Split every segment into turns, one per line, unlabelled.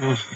Mm.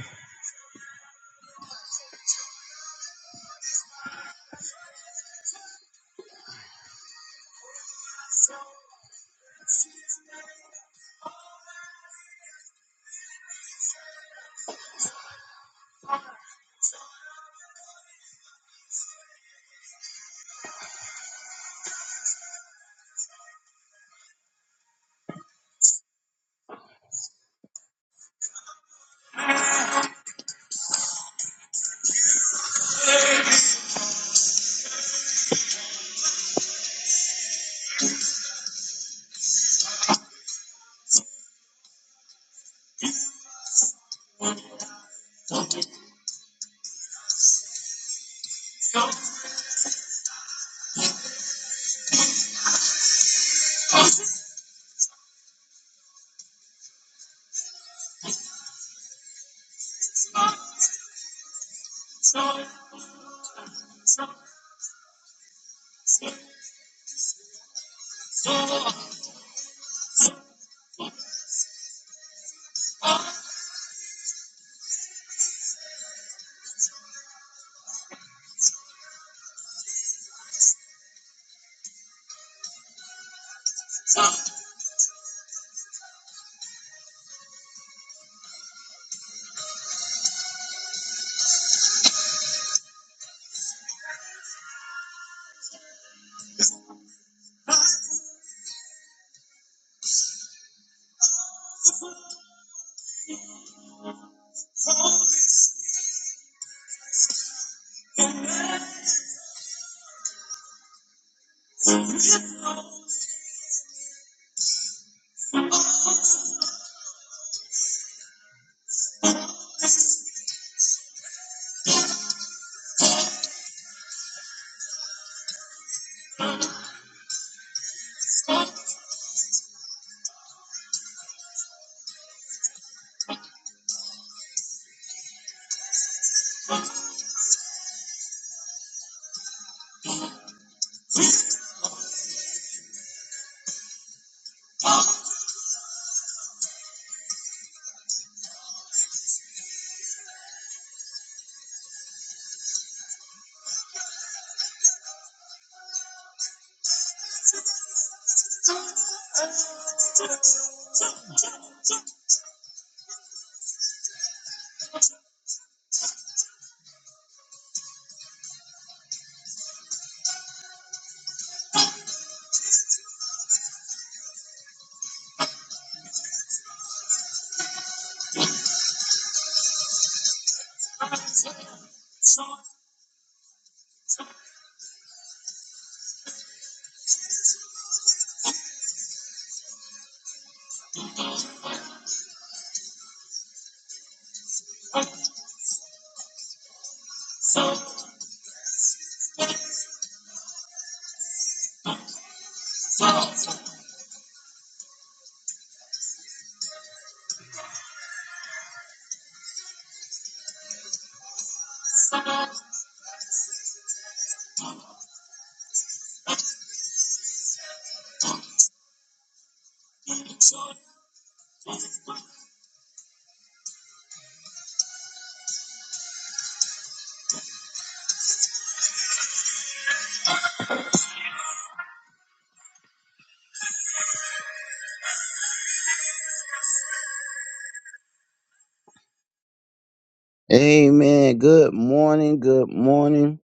Amen. Good morning. Good morning.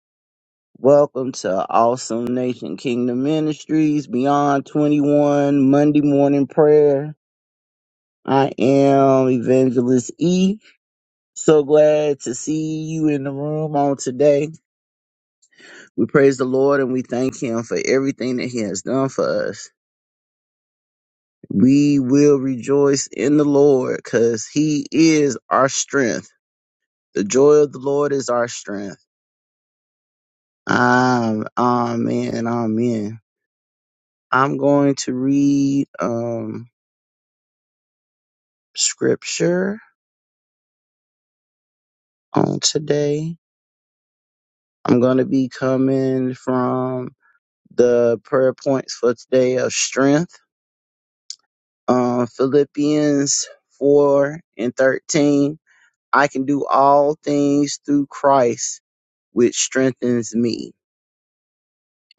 Welcome to Awesome Nation Kingdom Ministries Beyond 21 Monday Morning Prayer. I am Evangelist E. So glad to see you in the room on today. We praise the Lord and we thank Him for everything that He has done for us. We will rejoice in the Lord because He is our strength. The joy of the Lord is our strength. Um, amen, amen. I'm going to read um scripture on today. I'm going to be coming from the prayer points for today of strength. Um, Philippians 4 and 13. I can do all things through Christ, which strengthens me.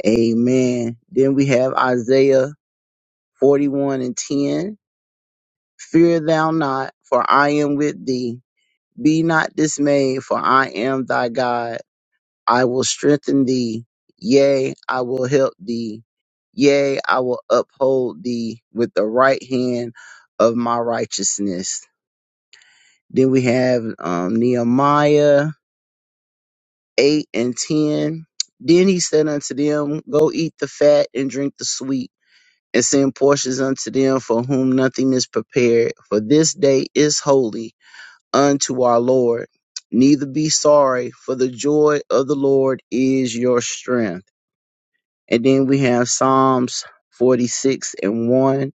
Amen. Then we have Isaiah 41 and 10. Fear thou not, for I am with thee. Be not dismayed, for I am thy God. I will strengthen thee. Yea, I will help thee. Yea, I will uphold thee with the right hand of my righteousness. Then we have um, Nehemiah 8 and 10. Then he said unto them, Go eat the fat and drink the sweet, and send portions unto them for whom nothing is prepared, for this day is holy unto our Lord. Neither be sorry, for the joy of the Lord is your strength. And then we have Psalms 46 and 1.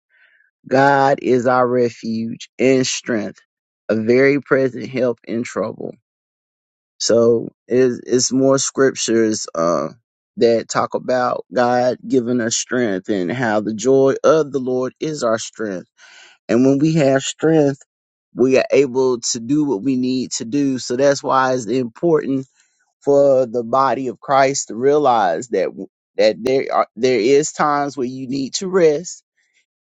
God is our refuge and strength, a very present help in trouble. So it's, it's more scriptures uh, that talk about God giving us strength and how the joy of the Lord is our strength. And when we have strength, we are able to do what we need to do. So that's why it's important for the body of Christ to realize that that there are there is times where you need to rest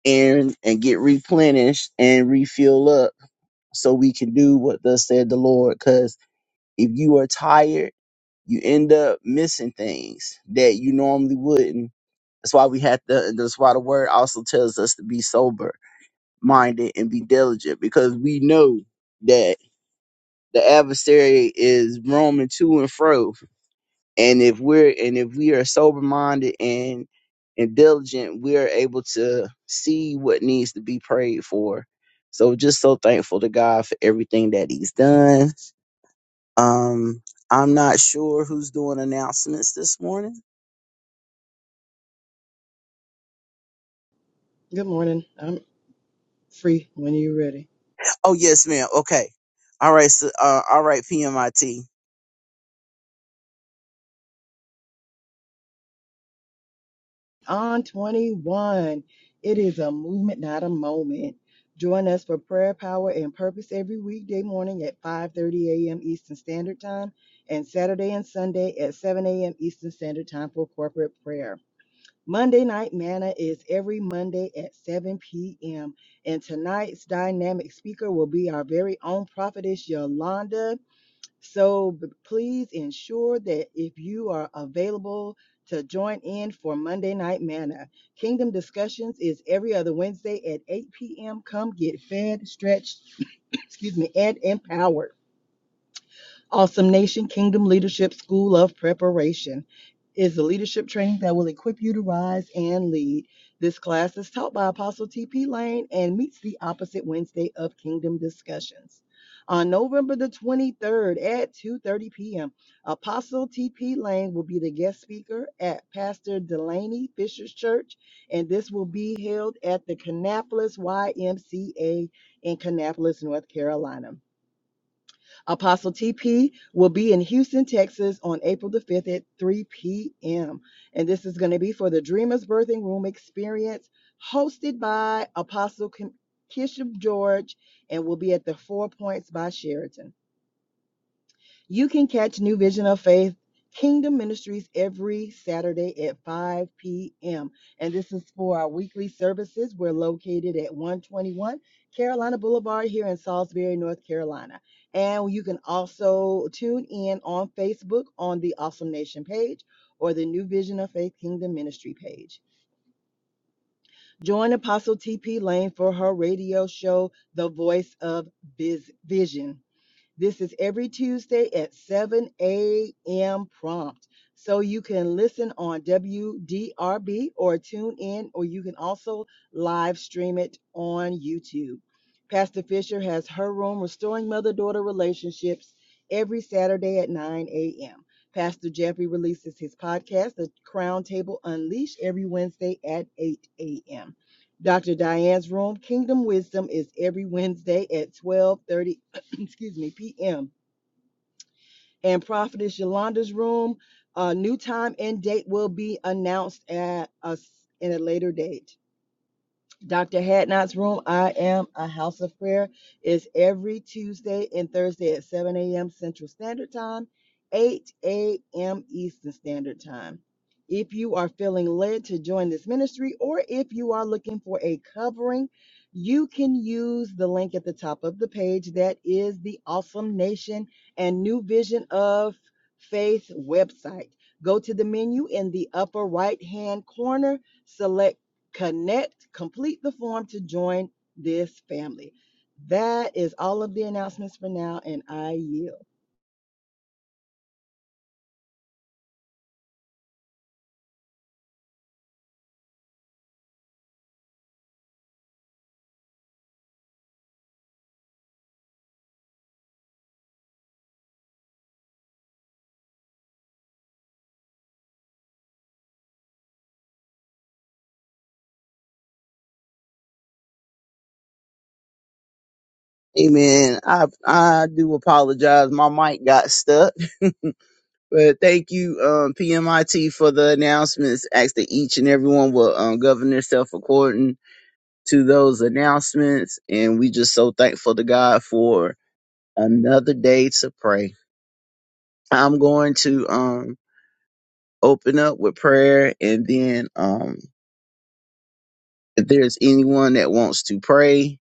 and and get replenished and refill up so we can do what thus said the Lord. Cause if you are tired, you end up missing things that you normally wouldn't. That's why we have to that's why the word also tells us to be sober minded and be diligent because we know that the adversary is roaming to and fro. And if we're and if we are sober minded and and diligent, we are able to see what needs to be prayed for. So just so thankful to God for everything that He's done. Um, I'm not sure who's doing announcements this morning.
Good morning. I'm free when you're ready.
Oh yes, ma'am. Okay. All right. So, uh, all right. PMIT.
On 21, it is a movement, not a moment. Join us for prayer, power, and purpose every weekday morning at 5:30 a.m. Eastern Standard Time and Saturday and Sunday at 7 a.m. Eastern Standard Time for corporate prayer. Monday night manna is every Monday at 7 p.m. And tonight's dynamic speaker will be our very own prophetess Yolanda. So b- please ensure that if you are available to join in for Monday Night Manna, Kingdom Discussions is every other Wednesday at 8 p.m. Come get fed, stretched, excuse me, and empowered. Awesome Nation Kingdom Leadership School of Preparation is the leadership training that will equip you to rise and lead. This class is taught by Apostle T.P. Lane and meets the opposite Wednesday of Kingdom Discussions. On November the 23rd at 2:30 p.m., Apostle T.P. Lane will be the guest speaker at Pastor Delaney Fisher's Church, and this will be held at the Kannapolis YMCA in Kannapolis, North Carolina. Apostle TP will be in Houston, Texas on April the 5th at 3 p.m. And this is going to be for the Dreamers Birthing Room Experience, hosted by Apostle Kim- Kishop George, and will be at the Four Points by Sheraton. You can catch New Vision of Faith Kingdom Ministries every Saturday at 5 p.m. And this is for our weekly services. We're located at 121 Carolina Boulevard here in Salisbury, North Carolina. And you can also tune in on Facebook on the Awesome Nation page or the New Vision of Faith Kingdom Ministry page. Join Apostle TP Lane for her radio show, The Voice of Biz- Vision. This is every Tuesday at 7 a.m. prompt. So you can listen on WDRB or tune in, or you can also live stream it on YouTube. Pastor Fisher has her room, Restoring Mother Daughter Relationships, every Saturday at 9 a.m. Pastor Jeffrey releases his podcast, The Crown Table Unleashed, every Wednesday at 8 a.m. Dr. Diane's room, Kingdom Wisdom, is every Wednesday at 12:30 excuse me, PM. And Prophetess Yolanda's room, uh, new time and date will be announced at us in a later date. Dr. Hadnot's room, I am a house of prayer, is every Tuesday and Thursday at 7 a.m. Central Standard Time, 8 a.m. Eastern Standard Time. If you are feeling led to join this ministry or if you are looking for a covering, you can use the link at the top of the page that is the Awesome Nation and New Vision of Faith website. Go to the menu in the upper right hand corner Select connect, complete the form to join this family. That is all of the announcements for now, and I yield.
Amen. I I do apologize. My mic got stuck. But thank you, um, PMIT, for the announcements. Ask that each and everyone will um, govern themselves according to those announcements. And we just so thankful to God for another day to pray. I'm going to um, open up with prayer. And then um, if there's anyone that wants to pray,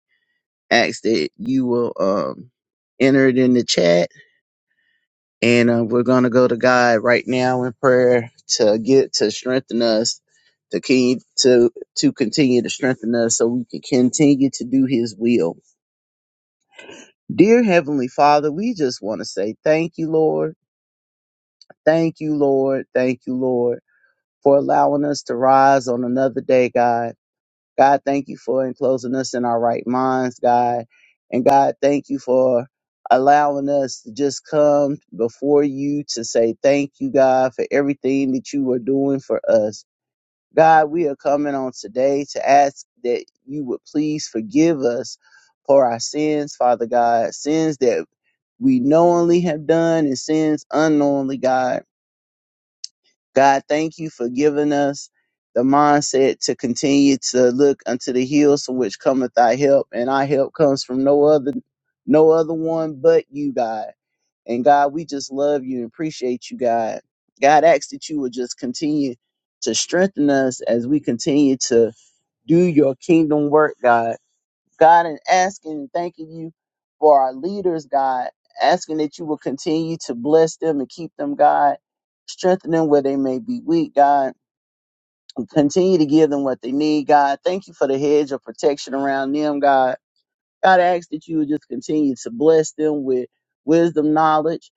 ask that you will um, enter it in the chat And uh, we're going to go to God right now in prayer to get to strengthen us, to keep, to to continue to strengthen us so we can continue to do his will. Dear heavenly Father, we just want to say thank you, Lord. Thank you, Lord. Thank you, Lord, for allowing us to rise on another day, God. God, thank you for enclosing us in our right minds, God. And God, thank you for allowing us to just come before you to say thank you, God, for everything that you are doing for us. God, we are coming on today to ask that you would please forgive us for our sins, Father God, sins that we knowingly have done and sins unknowingly, God. God, thank you for giving us the mindset to continue to look unto the hills from which cometh thy help, and our help comes from no other no other one but you, God. And God, we just love you and appreciate you, God. God asks that you would just continue to strengthen us as we continue to do your kingdom work, God. God, and asking and thanking you for our leaders, God, asking that you will continue to bless them and keep them, God, strengthen them where they may be weak, God, and continue to give them what they need, God. Thank you for the hedge of protection around them, God. God, I ask that you would just continue to bless them with wisdom, knowledge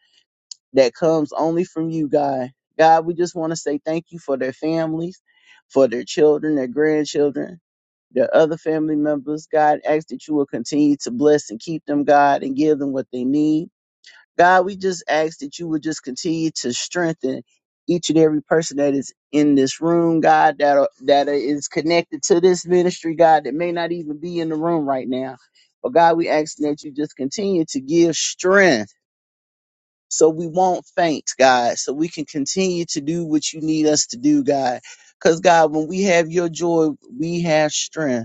that comes only from you, God. God, we just want to say thank you for their families, for their children, their grandchildren. Their other family members. God, ask that you will continue to bless and keep them, God, and give them what they need. God, we just ask that you would just continue to strengthen each and every person that is in this room, God, that are, that is connected to this ministry, God, that may not even be in the room right now. But God, we ask that you just continue to give strength so we won't faint, God, so we can continue to do what you need us to do, God. Because, God, when we have your joy, we have strength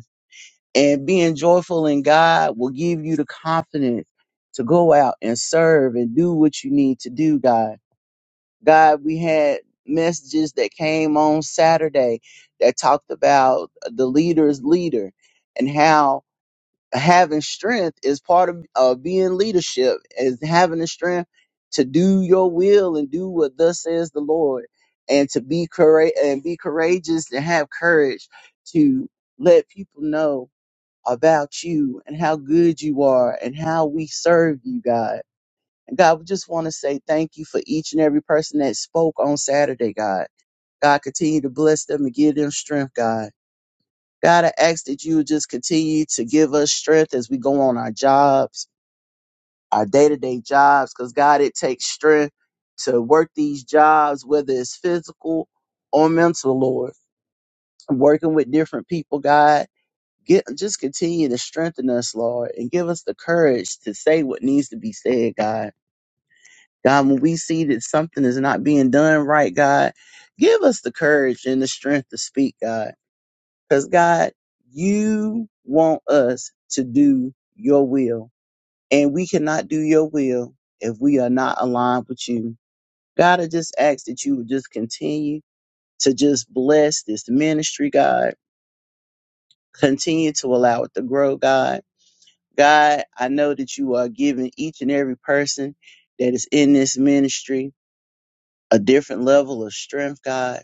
and being joyful in God will give you the confidence to go out and serve and do what you need to do, God. God, we had messages that came on Saturday that talked about the leader's leader and how having strength is part of uh, being leadership, is having the strength to do your will and do what thus says the Lord. And to be courage and be courageous and have courage to let people know about you and how good you are and how we serve you, God. And God, we just want to say thank you for each and every person that spoke on Saturday, God. God, continue to bless them and give them strength, God. God, I ask that you would just continue to give us strength as we go on our jobs, our day to day jobs, because God, it takes strength to work these jobs, whether it's physical or mental, Lord. working with different people, God. Get, just continue to strengthen us, Lord, and give us the courage to say what needs to be said, God. God, when we see that something is not being done right, God, give us the courage and the strength to speak, God. Because, God, you want us to do your will, and we cannot do your will if we are not aligned with you. God, I just ask that you would just continue to just bless this ministry, God. Continue to allow it to grow, God God, I know that you are giving each and every person that is in this ministry a different level of strength, God.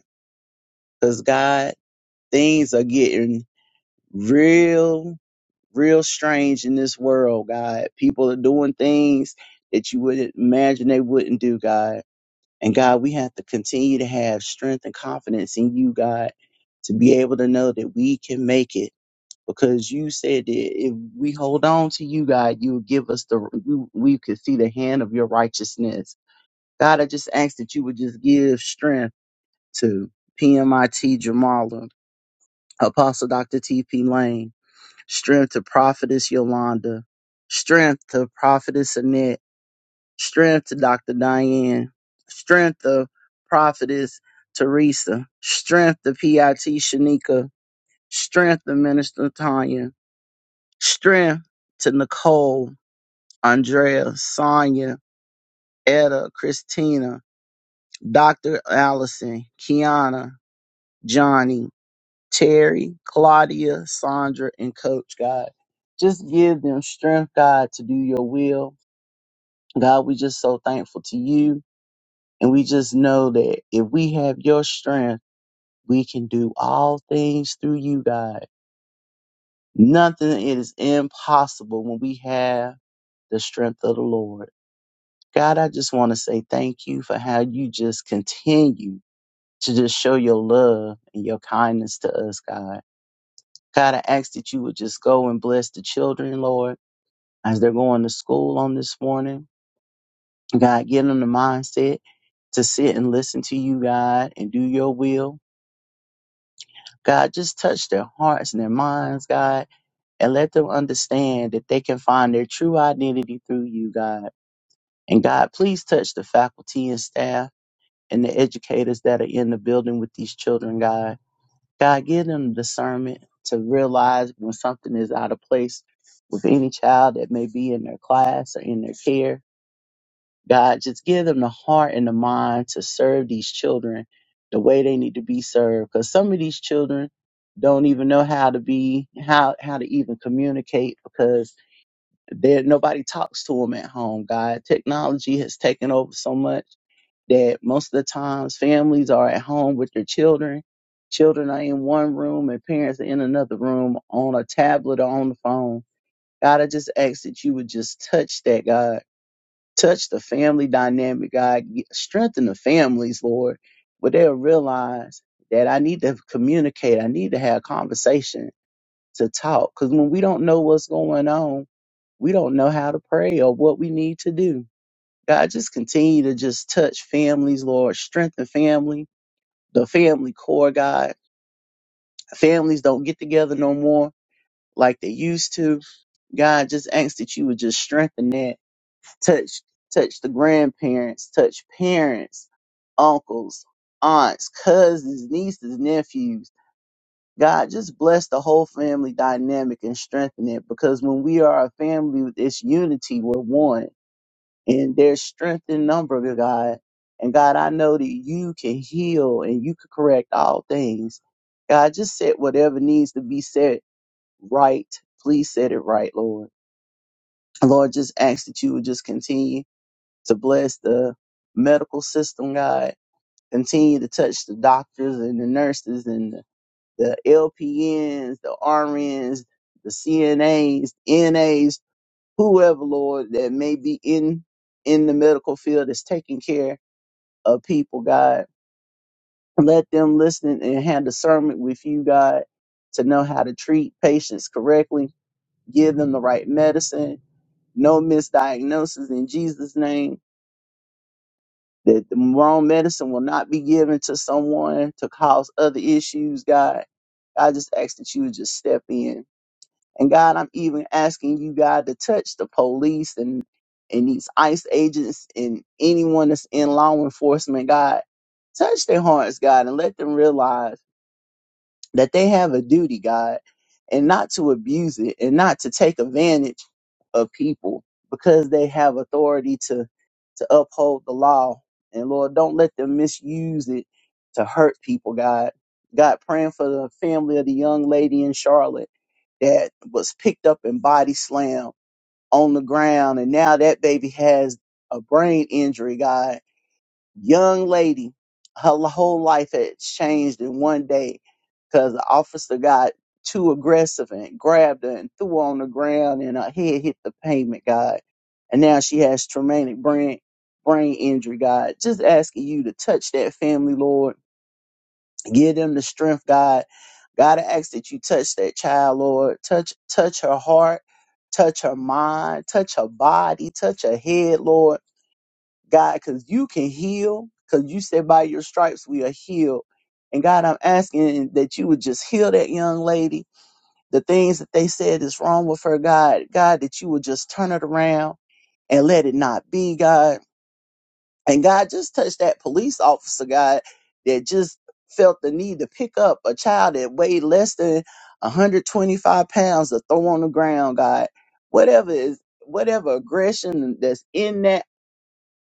Because, God, things are getting real, real strange in this world, God. People are doing things that you wouldn't imagine they wouldn't do, God. And, God, we have to continue to have strength and confidence in you, God, to be able to know that we can make it because you said that if we hold on to you, God, you would give us the you, we could see the hand of your righteousness. God, I just ask that you would just give strength to PMIT Jamala, Apostle Dr. T.P. Lane, strength to Prophetess Yolanda, strength to Prophetess Annette, strength to Dr. Diane, strength to Prophetess Teresa, strength to PIT Shanika, strength to Minister Tanya, Strength to Nicole, Andrea, Sonia, Etta, Christina, Dr. Allison, Kiana, Johnny, Terry, Claudia, Sandra, and Coach God. Just give them strength, God, to do your will. God, we just so thankful to you. And we just know that if we have your strength, we can do all things through you, God. Nothing is impossible when we have the strength of the Lord. God, I just want to say thank you for how you just continue to just show your love and your kindness to us, God. God, I ask that you would just go and bless the children, Lord, as they're going to school on this morning. God, give them the mindset to sit and listen to you, God, and do your will. God, just touch their hearts and their minds, God, and let them understand that they can find their true identity through you, God. And God, please touch the faculty and staff. and the educators that are in the building with these children, God. God, give them discernment to realize when something is out of place with any child that may be in their class or in their care. God, just give them the heart and the mind to serve these children the way they need to be served. Because some of these children don't even know how to be how how to even communicate because there nobody talks to them at home. God, technology has taken over so much that most of the times families are at home with their children. Children are in one room and parents are in another room on a tablet or on the phone. God, I just ask that you would just touch that, God. Touch the family dynamic, God. Strengthen the families, Lord, where they'll realize that I need to communicate. I need to have conversation to talk. Because when we don't know what's going on, we don't know how to pray or what we need to do. God, just continue to just touch families, Lord. Strengthen family, the family core, God. Families don't get together no more like they used to. God, just ask that you would just strengthen that. Touch, touch the grandparents, touch parents, uncles, aunts, cousins, nieces, nephews. God, just bless the whole family dynamic and strengthen it because when we are a family with this unity, we're one and there's strength in number, good God. And God, I know that you can heal and you can correct all things. God, just set whatever needs to be said right. Please set it right, Lord. Lord, just ask that you would just continue to bless the medical system, God. Continue to touch the doctors and the nurses and the, the LPNs, the RNs, the CNAs, NAs, whoever, Lord, that may be in in the medical field that's taking care of people, God. Let them listen and have discernment with you, God, to know how to treat patients correctly, give them the right medicine, no misdiagnosis in Jesus' name. That the wrong medicine will not be given to someone to cause other issues, God. I just ask that you would just step in And God, I'm even asking you, God, to touch the police and and these ICE agents and anyone that's in law enforcement, God, touch their hearts, God, and let them realize that they have a duty, God, and not to abuse it and not to take advantage of people because they have authority to to uphold the law. And Lord, don't let them misuse it to hurt people, God. God, praying for the family of the young lady in Charlotte that was picked up and body slammed on the ground. And now that baby has a brain injury, God. Young lady, her l- whole life had changed in one day because the officer got too aggressive and grabbed her and threw her on the ground and her head hit the pavement, God. And now she has traumatic brain brain injury, God. Just asking you to touch that family, Lord Give them the strength, God. God, I ask that you touch that child, Lord. Touch, touch her heart, touch her mind, touch her body, touch her head, Lord. God, because you can heal, because you said by your stripes we are healed. And God, I'm asking that you would just heal that young lady. The things that they said is wrong with her, God. God, that you would just turn it around and let it not be, God. And God just touched that police officer, God, that just felt the need to pick up a child that weighed less than 125 pounds to throw on the ground, God. Whatever is whatever aggression that's in that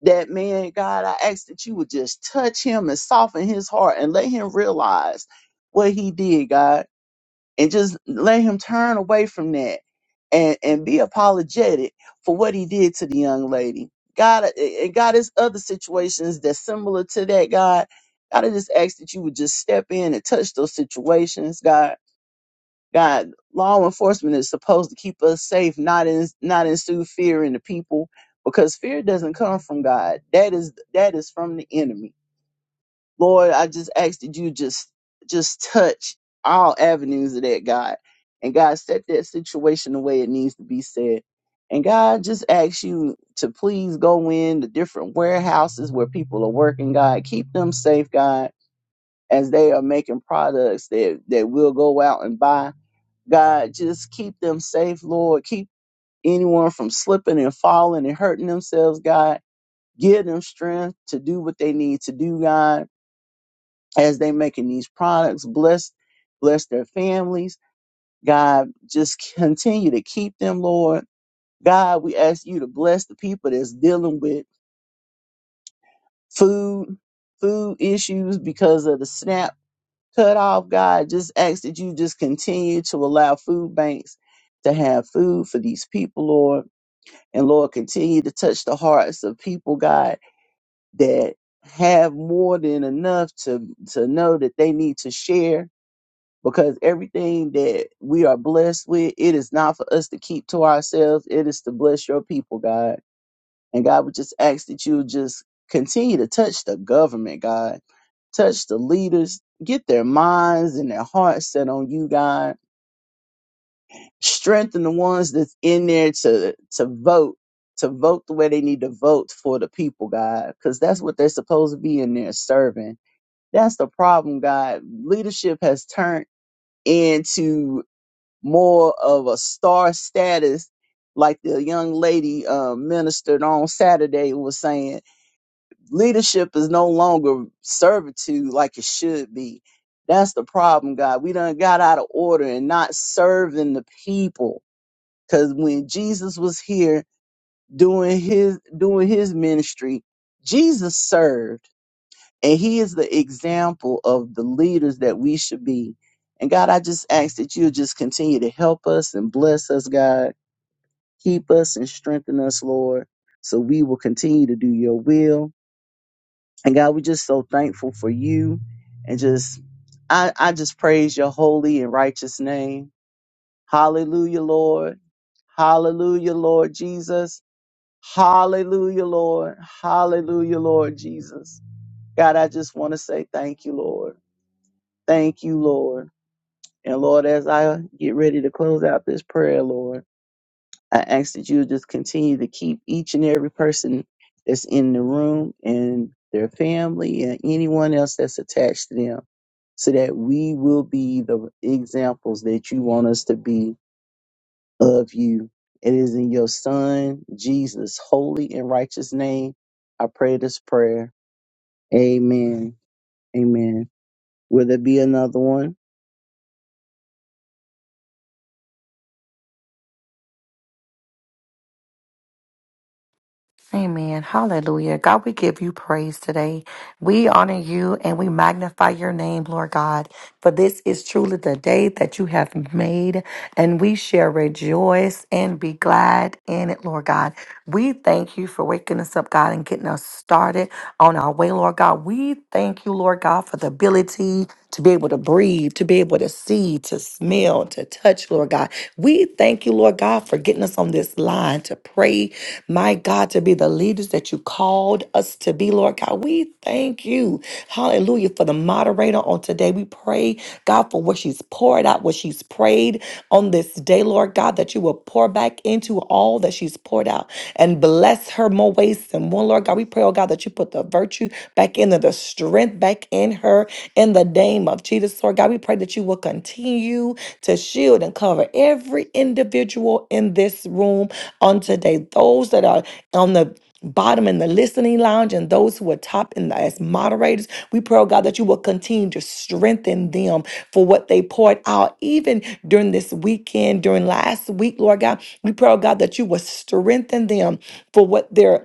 that man, God, I ask that you would just touch him and soften his heart and let him realize what he did, God and just let him turn away from that and and be apologetic for what he did to the young lady. God uh, and God is other situations that's similar to that. God, God, I just ask that you would just step in and touch those situations. God, God, law enforcement is supposed to keep us safe, not in not instill fear in the people, because fear doesn't come from God. That is that is from the enemy Lord, I just ask that you just just touch all avenues of that, God. And God, set that situation the way it needs to be said. And God, just ask you to please go in the different warehouses where people are working, God. Keep them safe, God, as they are making products that, that we'll go out and buy. God, just keep them safe, Lord. Keep anyone from slipping and falling and hurting themselves, God. Give them strength to do what they need to do, God as they making these products. Bless, bless their families. God, just continue to keep them, Lord. God, we ask you to bless the people that's dealing with food, food issues because of the SNAP cutoff. God, just ask that you just continue to allow food banks to have food for these people, Lord. And Lord, continue to touch the hearts of people, God, that have more than enough to to know that they need to share because everything that we are blessed with, it is not for us to keep to ourselves. It is to bless your people, God. And God, we just ask that you just continue to touch the government, God. Touch the leaders, get their minds and their hearts set on you, God. Strengthen the ones that's in there to to vote, to vote the way they need to vote for the people, God, because that's what they're supposed to be in there serving. That's the problem, God. Leadership has turned into more of a star status, like the young lady uh, ministered on Saturday was saying, leadership is no longer servitude like it should be. That's the problem, God. We done got out of order and not serving the people. Cause when Jesus was here doing his doing his ministry, Jesus served. And he is the example of the leaders that we should be. And God, I just ask that you just continue to help us and bless us, God. Keep us and strengthen us, Lord, so we will continue to do your will. And God, we're just so thankful for you. And just, I, I just praise your holy and righteous name. Hallelujah, Lord. Hallelujah, Lord Jesus. Hallelujah, Lord. Hallelujah, Lord Jesus. God, I just want to say thank you, Lord. Thank you, Lord. And Lord, as I get ready to close out this prayer, Lord, I ask that you just continue to keep each and every person that's in the room and their family and anyone else that's attached to them so that we will be the examples that you want us to be of you. It is in your son, Jesus' holy and righteous name. I pray this prayer. Amen. Amen. Will there be another one?
Amen. Hallelujah. God, we give you praise today. We honor you and we magnify your name, Lord God, for this is truly the day that you have made, and we shall rejoice and be glad in it, Lord God. We thank you for waking us up, God, and getting us started on our way, Lord God. We thank you, Lord God, for the ability to be able to breathe, to be able to see, to smell, to touch, Lord God. We thank you, Lord God, for getting us on on this line to pray, my God, to be the leaders that you called us to be, Lord God. We thank you, hallelujah, for the moderator on today. We pray, God, for what she's poured out, what she's prayed on this day, Lord God, that you will pour back into all that she's poured out and bless her more ways than one, Lord God. We pray, oh God, that you put the virtue back in her, the strength back in her in the name of of Jesus, Lord God, we pray that you will continue to shield and cover every individual in this room on today. Those that are on the bottom in the listening lounge and those who are top in the as moderators. We pray, oh God, that you will continue to strengthen them for what they poured out, even during this weekend, during last week, Lord God. We pray, oh God, that you will strengthen them for what they're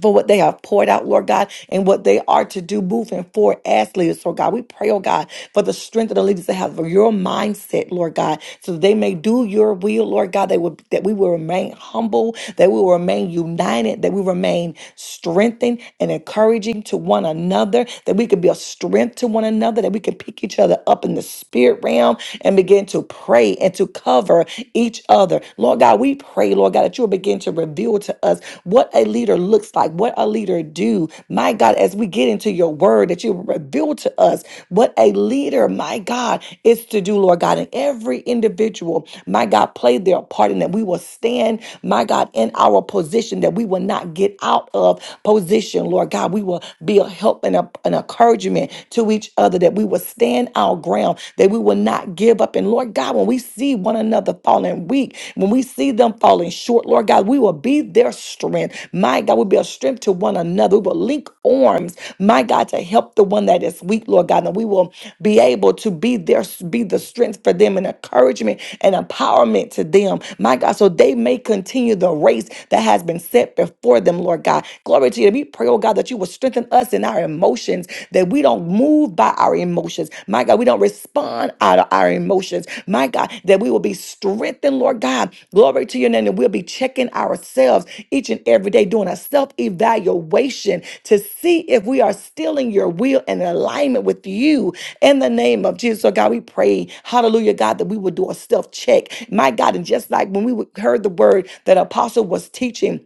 for what they have poured out, Lord God, and what they are to do moving forward as leaders, Lord God. We pray, oh God, for the strength of the leaders to have your mindset, Lord God, so that they may do your will, Lord God, they will, that we will remain humble, that we will remain united, that we remain strengthened and encouraging to one another, that we could be a strength to one another, that we can pick each other up in the spirit realm and begin to pray and to cover each other. Lord Lord God, we pray, Lord God, that you'll begin to reveal to us what a leader looks like, what a leader do. My God, as we get into your word, that you reveal to us what a leader, my God, is to do, Lord God. And every individual, my God, play their part and that we will stand, my God, in our position, that we will not get out of position, Lord God. We will be a help and a, an encouragement to each other, that we will stand our ground, that we will not give up. And Lord God, when we see one another falling weak, when we see them falling short, Lord God, we will be their strength. My God, we'll be a strength to one another. We will link arms, my God, to help the one that is weak, Lord God. And we will be able to be their be the strength for them and encouragement and empowerment to them, my God, so they may continue the race that has been set before them, Lord God. Glory to you. We pray, oh God, that you will strengthen us in our emotions, that we don't move by our emotions. My God, we don't respond out of our emotions. My God, that we will be strengthened, Lord God. Glory to your name. And we'll be checking ourselves each and every day, doing a self evaluation to see if we are still in your will and in alignment with you in the name of Jesus. So, God, we pray, hallelujah, God, that we will do a self check. My God, and just like when we heard the word that Apostle was teaching,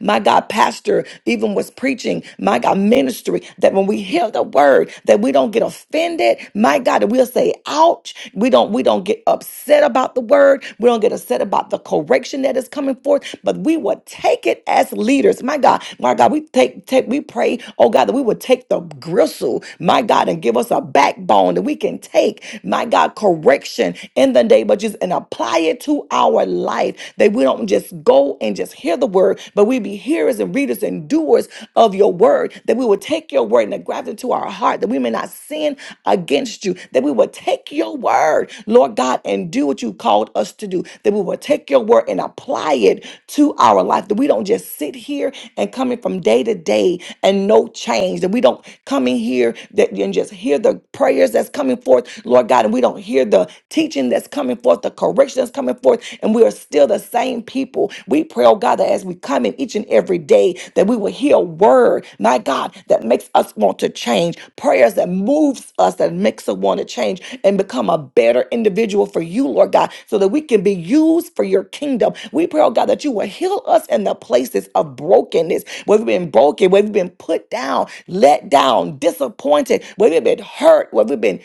my God, pastor even was preaching, my God, ministry, that when we hear the word, that we don't get offended. My God, that we'll say, ouch. We don't, we don't get upset about the word. We don't get upset about the correction that is coming forth, but we would take it as leaders. My God, my God, we take, take, we pray, oh God, that we would take the gristle, my God, and give us a backbone that we can take, my God, correction in the name of Jesus and apply it to our life. That we don't just go and just hear the word, but we be hearers and readers and doers of your word. That we will take your word and graft it to our heart, that we may not sin against you. That we will take your word, Lord God, and do what you called us to do. That we will take your word and apply it to our life. That we don't just sit here and coming from day to day and no change. That we don't come in here that and just just hear the prayers that's coming forth, Lord God, and we don't hear the teaching that's coming forth, the correction that's coming forth, and we are still the same people. We pray, oh God, that as we come in each and every day, that we will hear a word, my God, that makes us want to change, prayers that moves us, that makes us want to change and become a better individual for you, Lord God, so that we can be used for your kingdom. We pray, oh God, that you will heal us in the places of brokenness brokenness, whether we've been broken, whether we've been put down, let down, disappointed, whether we've been hurt, whether we've been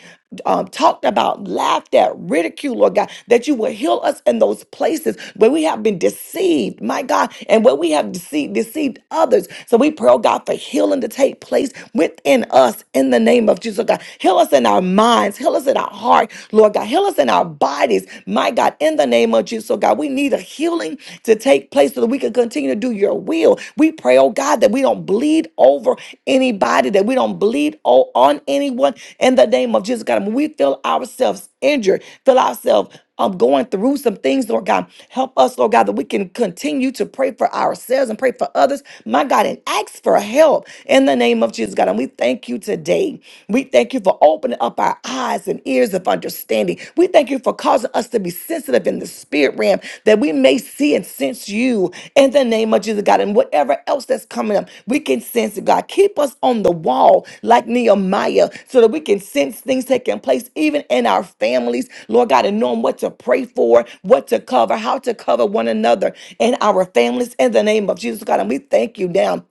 um, talked about, laughed at, ridiculed, Lord God, that you will heal us in those places where we have been deceived, my God, and where we have deceived, deceived others. So we pray, oh God, for healing to take place within us in the name of Jesus, oh God. Heal us in our minds, heal us in our heart, Lord God. Heal us in our bodies, my God, in the name name of Jesus. So, God, we need a healing to take place so that we can continue to do your will. We pray, oh God, that we don't bleed over anybody, that we don't bleed o- on anyone in the name of Jesus, God. When we feel ourselves injured, feel ourselves um, going through some things, Lord God, help us, Lord God, that we can continue to pray for ourselves and pray for others, my God, and ask for help in the name of Jesus, God. And we thank you today. We thank you for all opening up our eyes and ears of understanding. We thank you for causing us to be sensitive in the spirit realm that we may see and sense you in the name of Jesus, God. And whatever else that's coming up, we can sense it, God. Keep us on the wall like Nehemiah so that we can sense things taking place even in our families, Lord God, and knowing what to pray for, what to cover, how to cover one another and our families in the name of Jesus, God. And we thank you now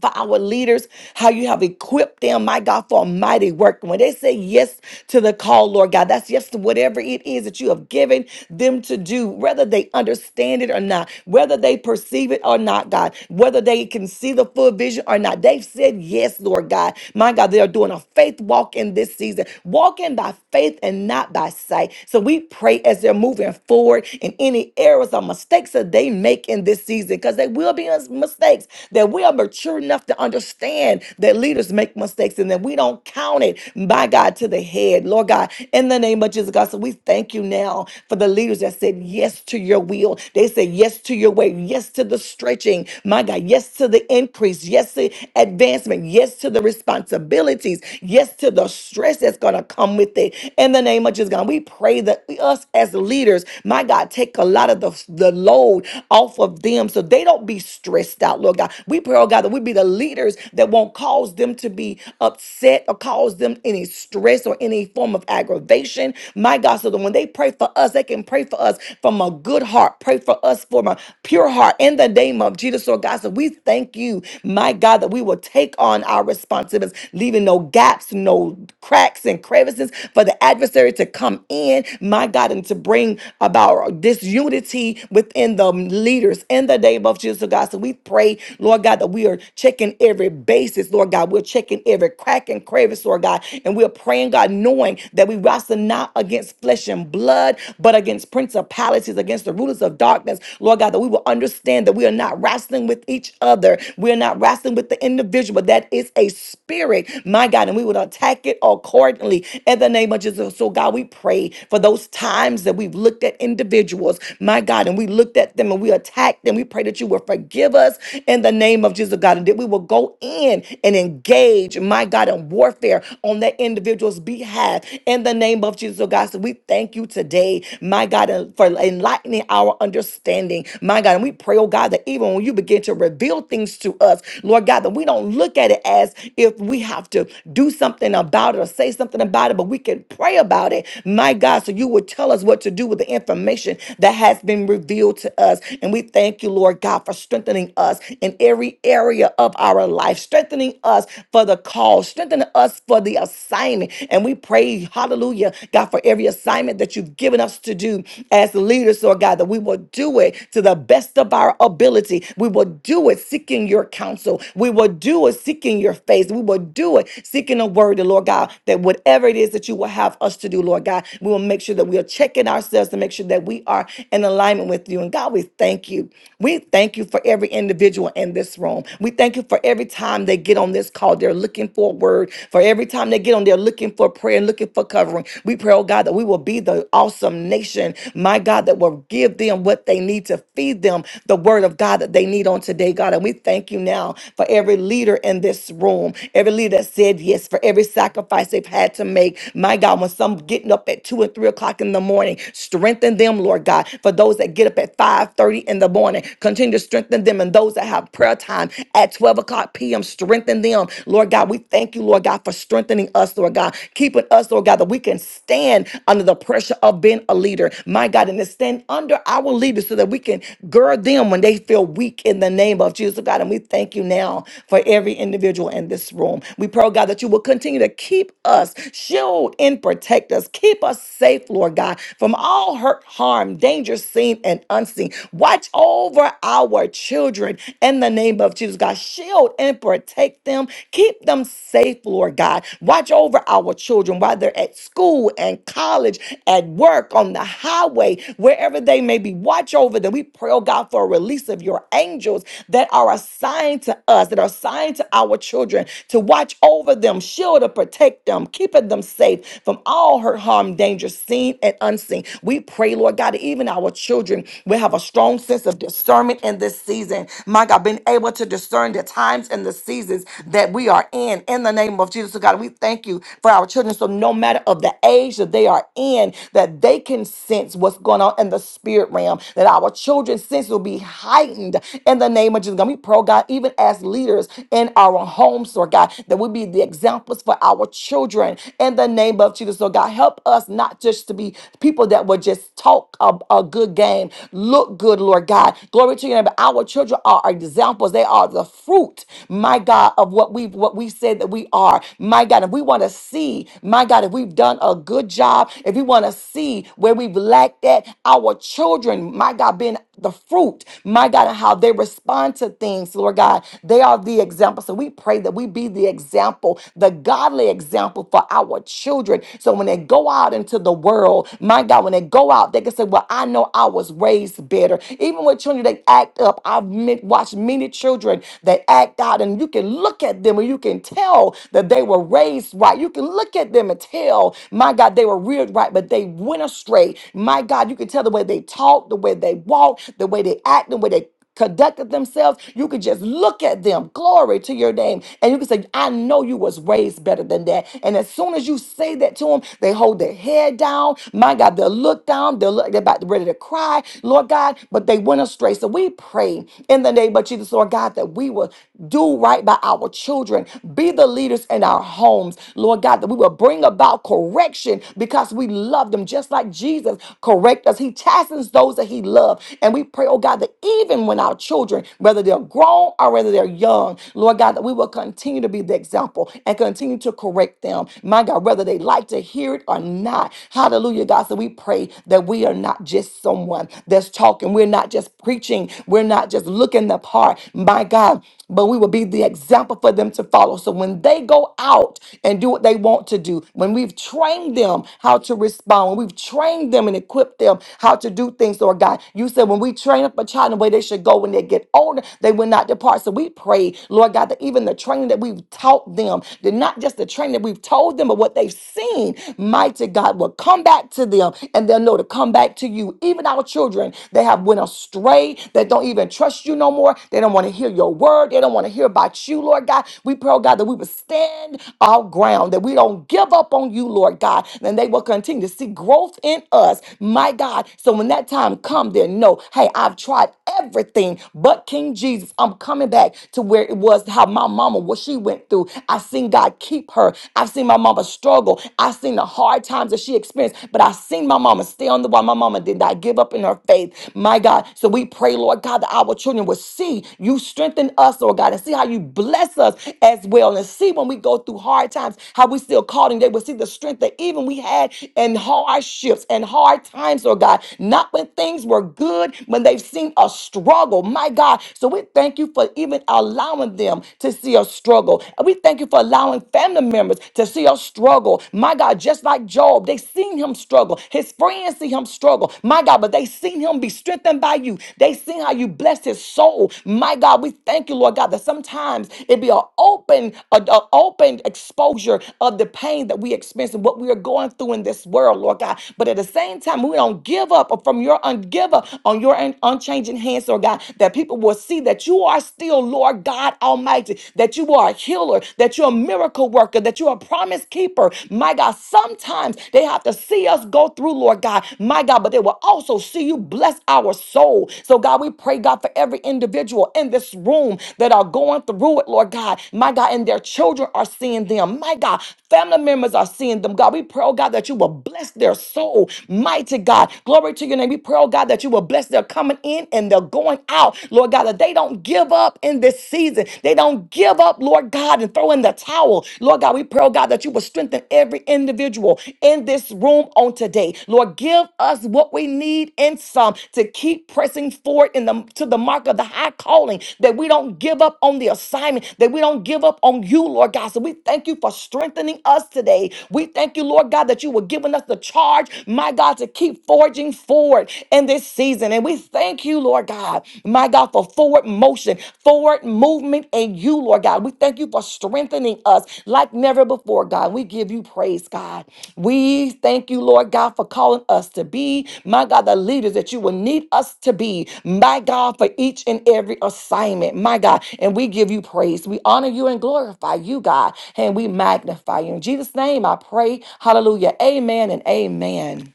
for our leaders, how you have equipped them, my God, for a mighty work. When they say yes to the call, Lord God, that's yes to whatever it is that you have given them to do, whether they understand it or not, whether they perceive it or not, God, whether they can see the full vision or not. They've said yes, Lord God. My God, they are doing a faith walk in this season, walking by faith and not by sight. So we pray as they're moving forward in any errors or mistakes that they make in this season, because they will be mis- mistakes that we are mature enough to understand that leaders make mistakes and that we don't count it, by God, to the head. Lord God, in the name of Jesus, God, so we thank you now for the leaders that said yes to your will. They said yes to your way, yes to the stretching, my God, yes to the increase, yes to advancement, yes to the responsibilities, yes to the stress that's going to come with it. In the name of Jesus, God, we pray that we, us as leaders, my God, take a lot of the, the load off of them so they don't be be stressed out, Lord God. We pray, oh God, that we be the leaders that won't cause them to be upset or cause them any stress or any form of aggravation. My God, so that when they pray for us, they can pray for us from a good heart. Pray for us from a pure heart in the name of Jesus, Lord God. So we thank you, my God, that we will take on our responsibilities, leaving no gaps, no cracks and crevices for the adversary to come in, my God, and to bring about disunity within the leaders leaders in the name of Jesus, oh God. So we pray, Lord God, that we are checking every basis, Lord God. We're checking every crack and crevice, Lord God. And we're praying, God, knowing that we wrestle not against flesh and blood, but against principalities, against the rulers of darkness, Lord God, that we will understand that we are not wrestling with each other. We're not wrestling with the individual, but that is a spirit, my God, and we would attack it accordingly in the name of Jesus. So, God, we pray for those times that we've looked at individuals, my God, and we looked at them and we attacked them. We pray that you will forgive us in the name of Jesus, God, and that we will go in and engage, my God, in warfare on that individual's behalf in the name of Jesus, oh God. So we thank you today, my God, uh, for enlightening our understanding, my God. And we pray, oh God, that even when you begin to reveal things to us, Lord God, that we don't look at it as if we have to do something about it or say something about it, but we can pray about it, my God, so you will tell us what to do with the information that has been revealed to us. And we thank you, Lord God, for strengthening us in every area of our life, strengthening us for the call, strengthening us for the assignment. And we pray, hallelujah, God, for every assignment that you've given us to do as leaders, Lord God, that we will do it to the best of our ability. We will do it seeking your counsel. We will do it seeking your face. We will do it seeking a word, Lord God, that whatever it is that you will have us to do, Lord God, we will make sure that we are checking ourselves ourselves to make sure that we are in alignment with you. And God, we thank you. We thank you for every individual in this room. We thank you for every time they get on this call, they're looking for a word. For every time they get on, they're looking for prayer and looking for covering. We pray, oh God, that we will be the awesome nation, my God, that will give them what they need to feed them the word of God that they need on today, God. And we thank you now for every leader in this room, every leader that said yes, for every sacrifice they've had to make. My God, when some getting up at two and three o'clock o'clock in the morning. Strengthen them, Lord God. For those that get up at 5:30 in the morning, continue to strengthen them. And those that have prayer time at 12 o'clock p.m., strengthen them. Lord God, we thank you, Lord God, for strengthening us, Lord God. Keeping us, Lord God, that we can stand under the pressure of being a leader. My God, and to stand under our leaders so that we can gird them when they feel weak in the name of Jesus, God. And we thank you now for every individual in this room. We pray, oh God, that you will continue to keep us, shield and protect us us. Keep us safe, Lord God, from all hurt, harm, danger seen and unseen. Watch over our children in the name of Jesus, God. Shield and protect them. Keep them safe, Lord God. Watch over our children while they're at school and college, at work, on the highway, wherever they may be. Watch over them. We pray, oh God, for a release of your angels that are assigned to us, that are assigned to our children to watch over them, shield and protect them, keeping them safe safe from all hurt, harm, danger, seen and unseen. We pray, Lord God, that even our children will have a strong sense of discernment in this season. My God, being able to discern the times and the seasons that we are in. In the name of Jesus, so God, we thank you for our children. So no matter of the age that they are in, that they can sense what's going on in the spirit realm, that our children's sense will be heightened in the name of Jesus. God, we pray, oh God, even as leaders in our homes, Lord God, that we be the examples for our children children in the name of Jesus. So, God, help us not just to be people that would just talk a, a good game, look good, Lord God. Glory to your name. But our children are our examples. They are the fruit, my God, of what we've what we said that we are. My God, if we want to see, my God, if we've done a good job, if we want to see where we've lacked at, our children, my God, being the fruit, my God, and how they respond to things, Lord God. They are the example. So we pray that we be the example example, the godly example for our children. So when they go out into the world, my God, when they go out, they can say, Well, I know I was raised better. Even with children, they act up. I've met, watched many children that act out, and you can look at them and you can tell that they were raised right. You can look at them and tell, My God, they were reared right, but they went astray. My God, you can tell the way they talk, the way they walk, the way they act, the way they conducted themselves, you could just look at them, glory to your name, and you can say, I know you was raised better than that. And as soon as you say that to them, they hold their head down. My God, they'll look down, they'll look, they're about ready to cry, Lord God, but they went astray. So we pray in the name of Jesus, Lord God, that we will do right by our children, be the leaders in our homes, Lord God, that we will bring about correction because we love them, just like Jesus correct us. He chastens those that he loves. And we pray, oh God, that even when our children, whether they're grown or whether they're young, Lord God, that we will continue to be the example and continue to correct them. My God, whether they like to hear it or not. Hallelujah, God. So we pray that we are not just someone that's talking. We're not just preaching. We're not just looking the part. My God but we will be the example for them to follow. So when they go out and do what they want to do, when we've trained them how to respond, when we've trained them and equipped them how to do things, Lord God, you said when we train up a child in the way they should go when they get older, they will not depart. So we pray, Lord God, that even the training that we've taught them, that not just the training that we've told them, but what they've seen, mighty God, will come back to them and they'll know to come back to you. Even our children, they have went astray afraid, that don't even trust you no more. They don't want to hear your word. They don't want to hear about you, Lord God. We pray, oh God, that we would stand our ground, that we don't give up on you, Lord God. And they will continue to see growth in us, my God. So when that time comes, they know, hey, I've tried everything but King Jesus. I'm coming back to where it was how my mama, what she went through. I seen God keep her. I've seen my mama struggle. I've seen the hard times that she experienced, but I've seen my mama stay on on the why my mama did not give up in her faith. My God. So we pray, Lord God, that our children will see you strengthen us, Lord God, and see how you bless us as well. And see when we go through hard times, how we still called and they will see the strength that even we had in hardships and hard times, Lord God. Not when things were good, when they've seen a struggle. My God. So we thank you for even allowing them to see a struggle. And we thank you for allowing family members to see a struggle. My my God, just like Job, they seen him struggle. His friends see him struggle. My God, but they seen him be strengthened by you. They seen how you blessed his soul. My God, we thank you, Lord God, that sometimes it be an open, a, a open exposure of the pain that we experience and what we are going through in this world, Lord God. But at the same time, we don't give up from your un- give up on your un- unchanging hands, Lord God, that people will see that you are still, Lord God Almighty, that you are a healer, that you're a miracle worker, that you're a promise keeper. My God, sometimes they have to see us go through, Lord God. My God, but they will also see you bless our soul. So, God, we pray, God, for every individual in this room that are going through it, Lord God. My God, and their children are seeing them. My God, family members are seeing them. God, we pray, oh God, that you will bless their soul. Mighty God, glory to your name. We pray, oh God, that you will bless their coming in and their going out. Lord God, that they don't give up give up in this season. They don't give up, Lord God, and throw in the towel. Lord God, we pray, oh God, that you will strengthen every individual in this room on today. Lord, give us what we need and some to keep pressing forward in the to the mark of the high calling, that we don't give up on the assignment, that we don't give up on you, Lord God. So we thank you for strengthening us today. We thank you, Lord God, that you were giving us the charge, my God, to keep forging forward in this season. And we we thank you, Lord God, my God, for forward motion, forward movement in you, Lord God. We thank you for strengthening us like never before, God. We give you praise, God. We thank you, Lord God, for calling us to be, my God, the leaders that you will need us to be, my God, for each and every assignment, my God. And we give you praise. We honor you and glorify you, God, and we magnify you. In Jesus' name, I pray. Hallelujah. Amen and amen.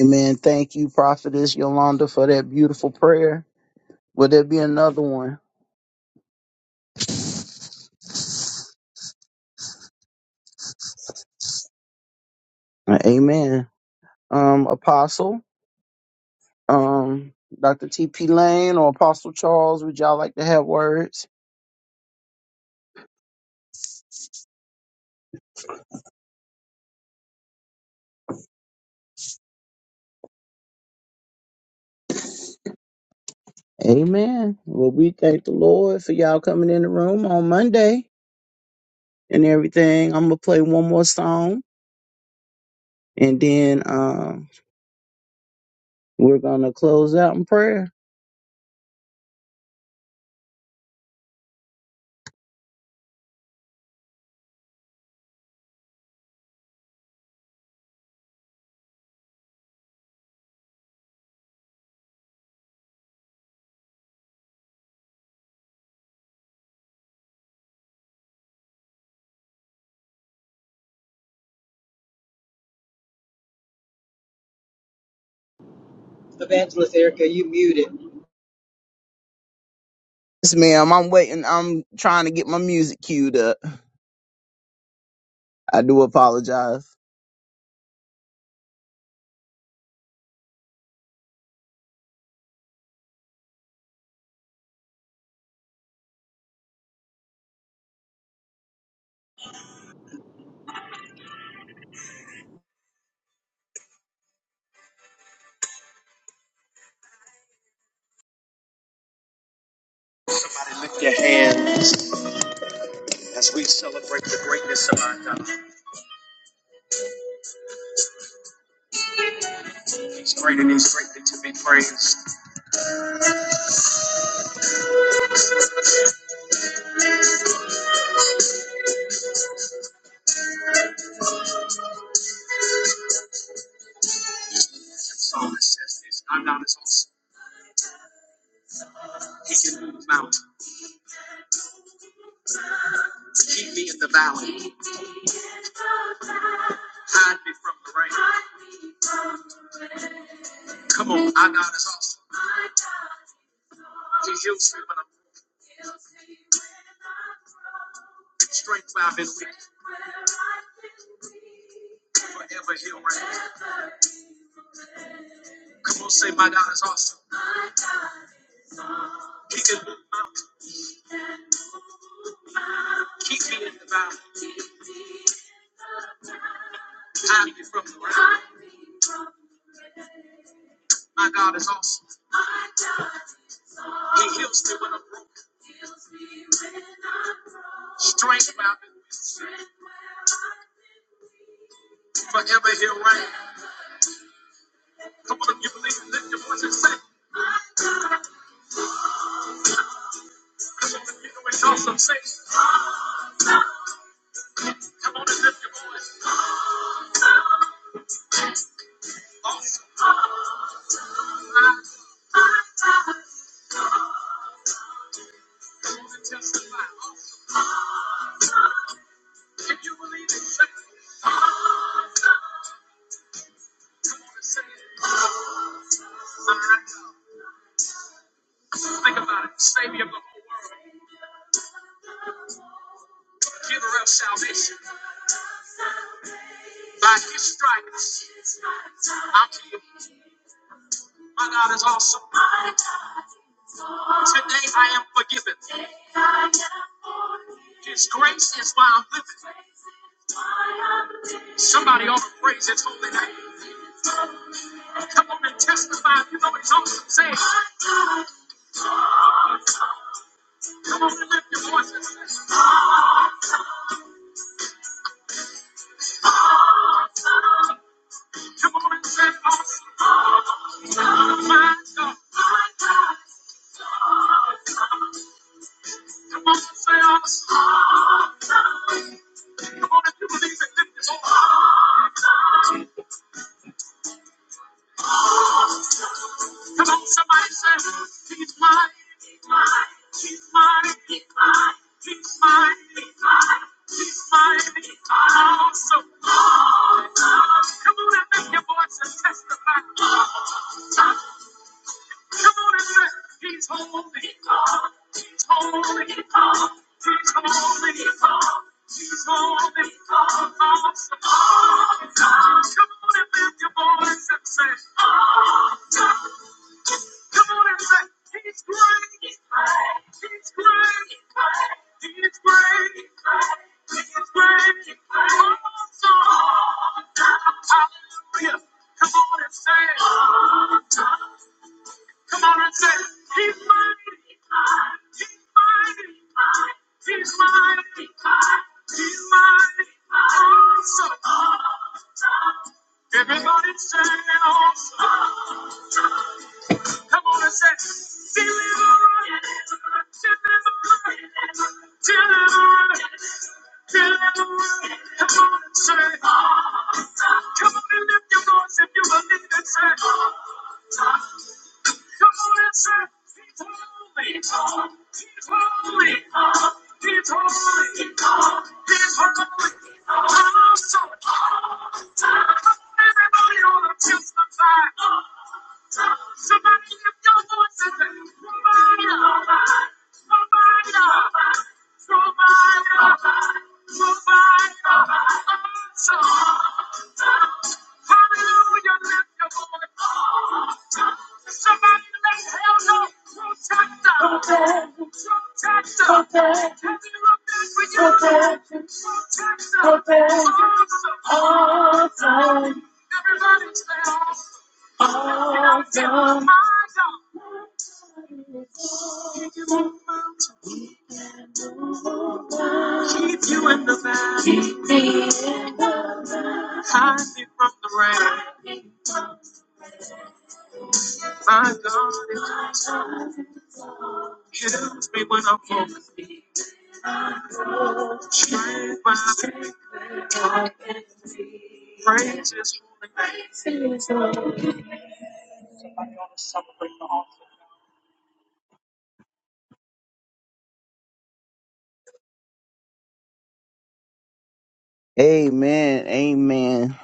Amen. Thank you, Prophetess Yolanda, for that beautiful prayer. Will there be another one? Uh, Amen. Um, Apostle, um, Dr. T.P. Lane or Apostle Charles, would y'all like to have words? Amen. Well, we thank the Lord for y'all coming in the room on Monday and everything. I'm going to play one more song and then um, we're going to close out in prayer.
Evangelist Erica, you muted.
Yes, ma'am. I'm waiting. I'm trying to get my music queued up. I do apologize. Somebody lift your hands as we celebrate the greatness of our God. He's great and he's greatly to be praised. The psalmist says this I'm not his awesome. He can move mountains, keep me in the valley, hide me from the rain. Come on, our God is awesome. He heals me when I'm weak, strength where I've been weak, forever he'll reign. Come on, say, My God is awesome. He can move mountains, keep me in the valley, hide me from the rain. My God is awesome. He heals me when I'm broken, strength where I've been weak, forever he'll reign. Come on, if you believe it, lift your voice and say. Come on, if you know it's awesome, say. Come on and lift your voice. Awesome. Come on and testify. Awesome. If you believe it, say. Come on and say it. All right now. Think about it. Savior of the whole world, giver of salvation. By his stripes, I'm healed. My God is awesome. Today I am forgiven. His grace is why I'm living. Somebody ought to praise his holy name. Come on and testify. If you know he's awesome. Say Come on and lift your voices. Come on and say awesome. Oh, My God. Come on and say awesome. Come on if you believe it, lift your voice. Come on, somebody say, He's mine. He's mine. He's mine. He's mine. He's mine. He's awesome. Come on and make your voice and testify. Come on and say, He's holy God. He's holy God. He's holy He's holy God. God, God, God. Come on and lift your voice and say, Ah, God. Come on and say, He's great. He's great. He's great. He's great. He's great. He's great. Awesome. Hallelujah. Come on and say, Ah, God. Come on and say, He's mighty. He's mighty. He's mighty. He's mighty. Awesome. Everybody say awesome. Come on and say, Deliverer. Deliverer. Deliverer. Deliverer. Come on and say, awesome. Come on and lift your voice if you believe it. Say, awesome. Everybody on the chest of Keep you in the back. Hide me from the rain. My God is kills me when I'm focused. my praises from name. Everybody ought to celebrate the awesome. Amen. Amen.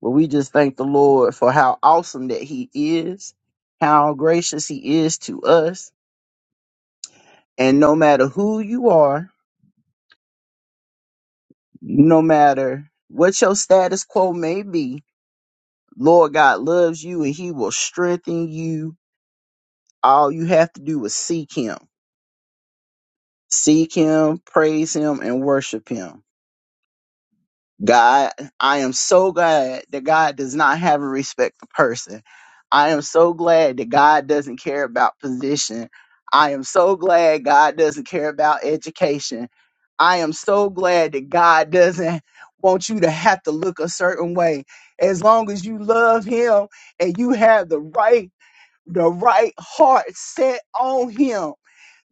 Well, we just thank the Lord for how awesome that He is, how gracious He is to us. And no matter who you are, no matter what your status quo may be, Lord God loves you and He will strengthen you. All you have to do is seek Him. Seek him, praise him, and worship him. God, I am so glad that God does not have a respect for person. I am so glad that God doesn't care about position. I am so glad God doesn't care about education. I am so glad that God doesn't want you to have to look a certain way. As long as you love him and you have the right the right heart set on him,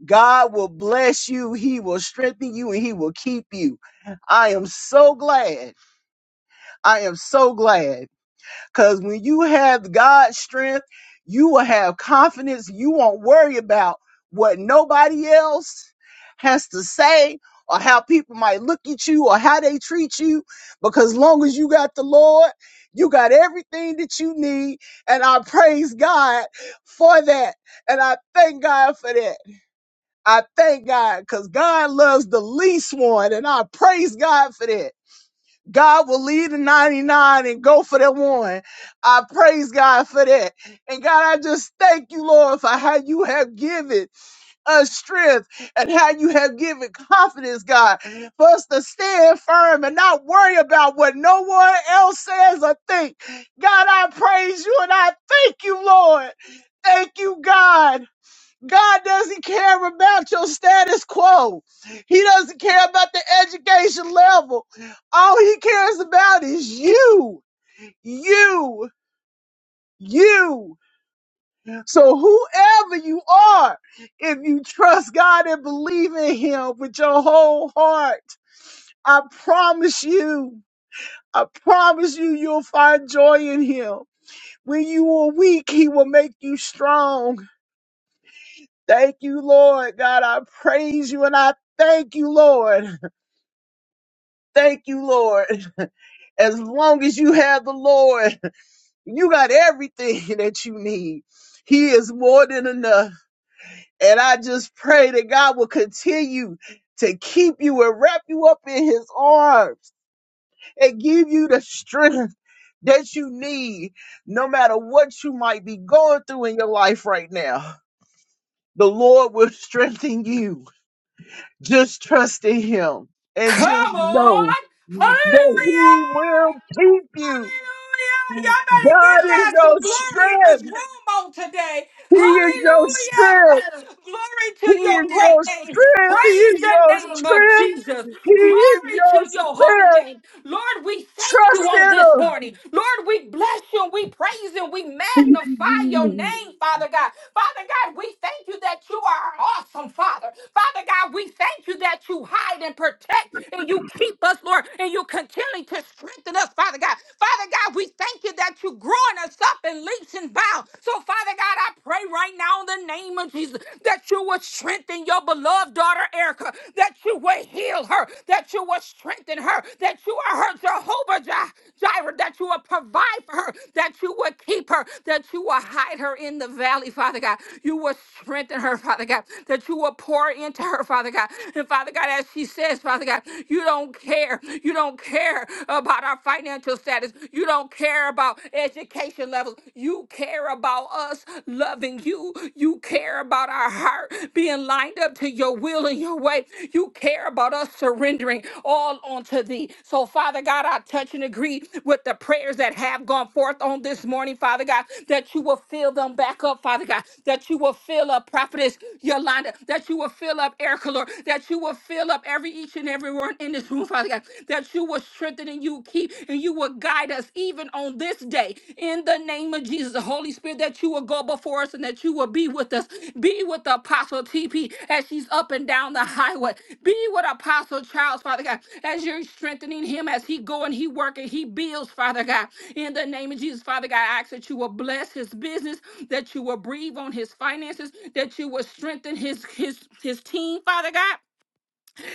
God will bless you. He will strengthen you and he will keep you. I am so glad. I am so glad. Because when you have God's strength, you will have confidence. You won't worry about what nobody else has to say or how people might look at you or how they treat you. Because long as you got the Lord, you got everything that you need. And I praise God for that. And I thank God for that. I thank God because God loves the least one, and I praise God for that. God will leave the 99 and go for the one. I praise God for that. And God, I just thank you, Lord, for how you have given us strength and how you have given confidence, God, for us to stand firm and not worry about what no one else says or think. God, I praise you and I thank you, Lord. Thank you, God. God doesn't care about your status quo. He doesn't care about the education level. All he cares about is you, you, you. So whoever you are, if you trust God and believe in him with your whole heart, I promise you, I promise you, you'll find joy in him. When you are weak, he will make you strong. Thank you, Lord. God, I praise you and I thank you, Lord. Thank you, Lord. As long as you have the Lord, you got everything that you need. He is more than enough. And I just pray that God will continue to keep you and wrap you up in his arms and give you the strength that you need, no matter what you might be going through in your life right now. The Lord will strengthen you. Just trust in him and
Come
just
on!
know
Hallelujah!
that he will keep you.
Hallelujah! Y'all better give
God is
God
your
some glory in this
strength.
room on today.
He is your strength.
Hallelujah! Glory to
He
your
is your
great name.
strength. He
Praise
is
the
your
name of
strength.
Jesus.
He is
Glory
your
to your holy
strength.
name. Lord, we thank you
Trust
on this morning. Lord, we bless you and we praise you and we
in
magnify your
him.
name, Father God. Father God, we thank you that you are awesome, Father. Father God, we thank you that you hide and protect and you keep us, Lord, and you continue to strengthen us, Father God. Father God, we thank you that you're growing us up in leaps and bounds. So, Father God, I pray right now in the name of Jesus that you will strengthen your beloved of daughter Erica, that you would heal her, that you would strengthen her, that you are her Jehovah Jireh, that you would provide for her, that you would keep her, that you will hide her in the valley, Father God. You will strengthen her, Father God, that you will pour into her, Father God. And Father God, as she says, Father God, you don't care. You don't care about our financial status. You don't care about education levels. You care about about us loving you. You care about our heart being lined up to your will and your way. You care about us surrendering all onto thee. So, Father God, I touch and agree with the prayers that have gone forth on this morning, Father God, that you will fill them back up, Father God, that you will fill up Prophetess Yolanda, that you will fill up Erica, Lord, that you will fill up every each and every one in this room, Father God, that you will strengthen and you keep keep and you will guide us even on this day. In the name of Jesus, the Holy Spirit, that you will go before us and that you will be with us. Be with the Apostle TP as she's up and down the highway. Be with Apostle Charles, Father God, as you're strengthening him as he go and he work and he builds, Father God. In the name of Jesus, Father God, I ask that you will bless his business, that you will breathe on his finances, that you will strengthen his his his team, Father God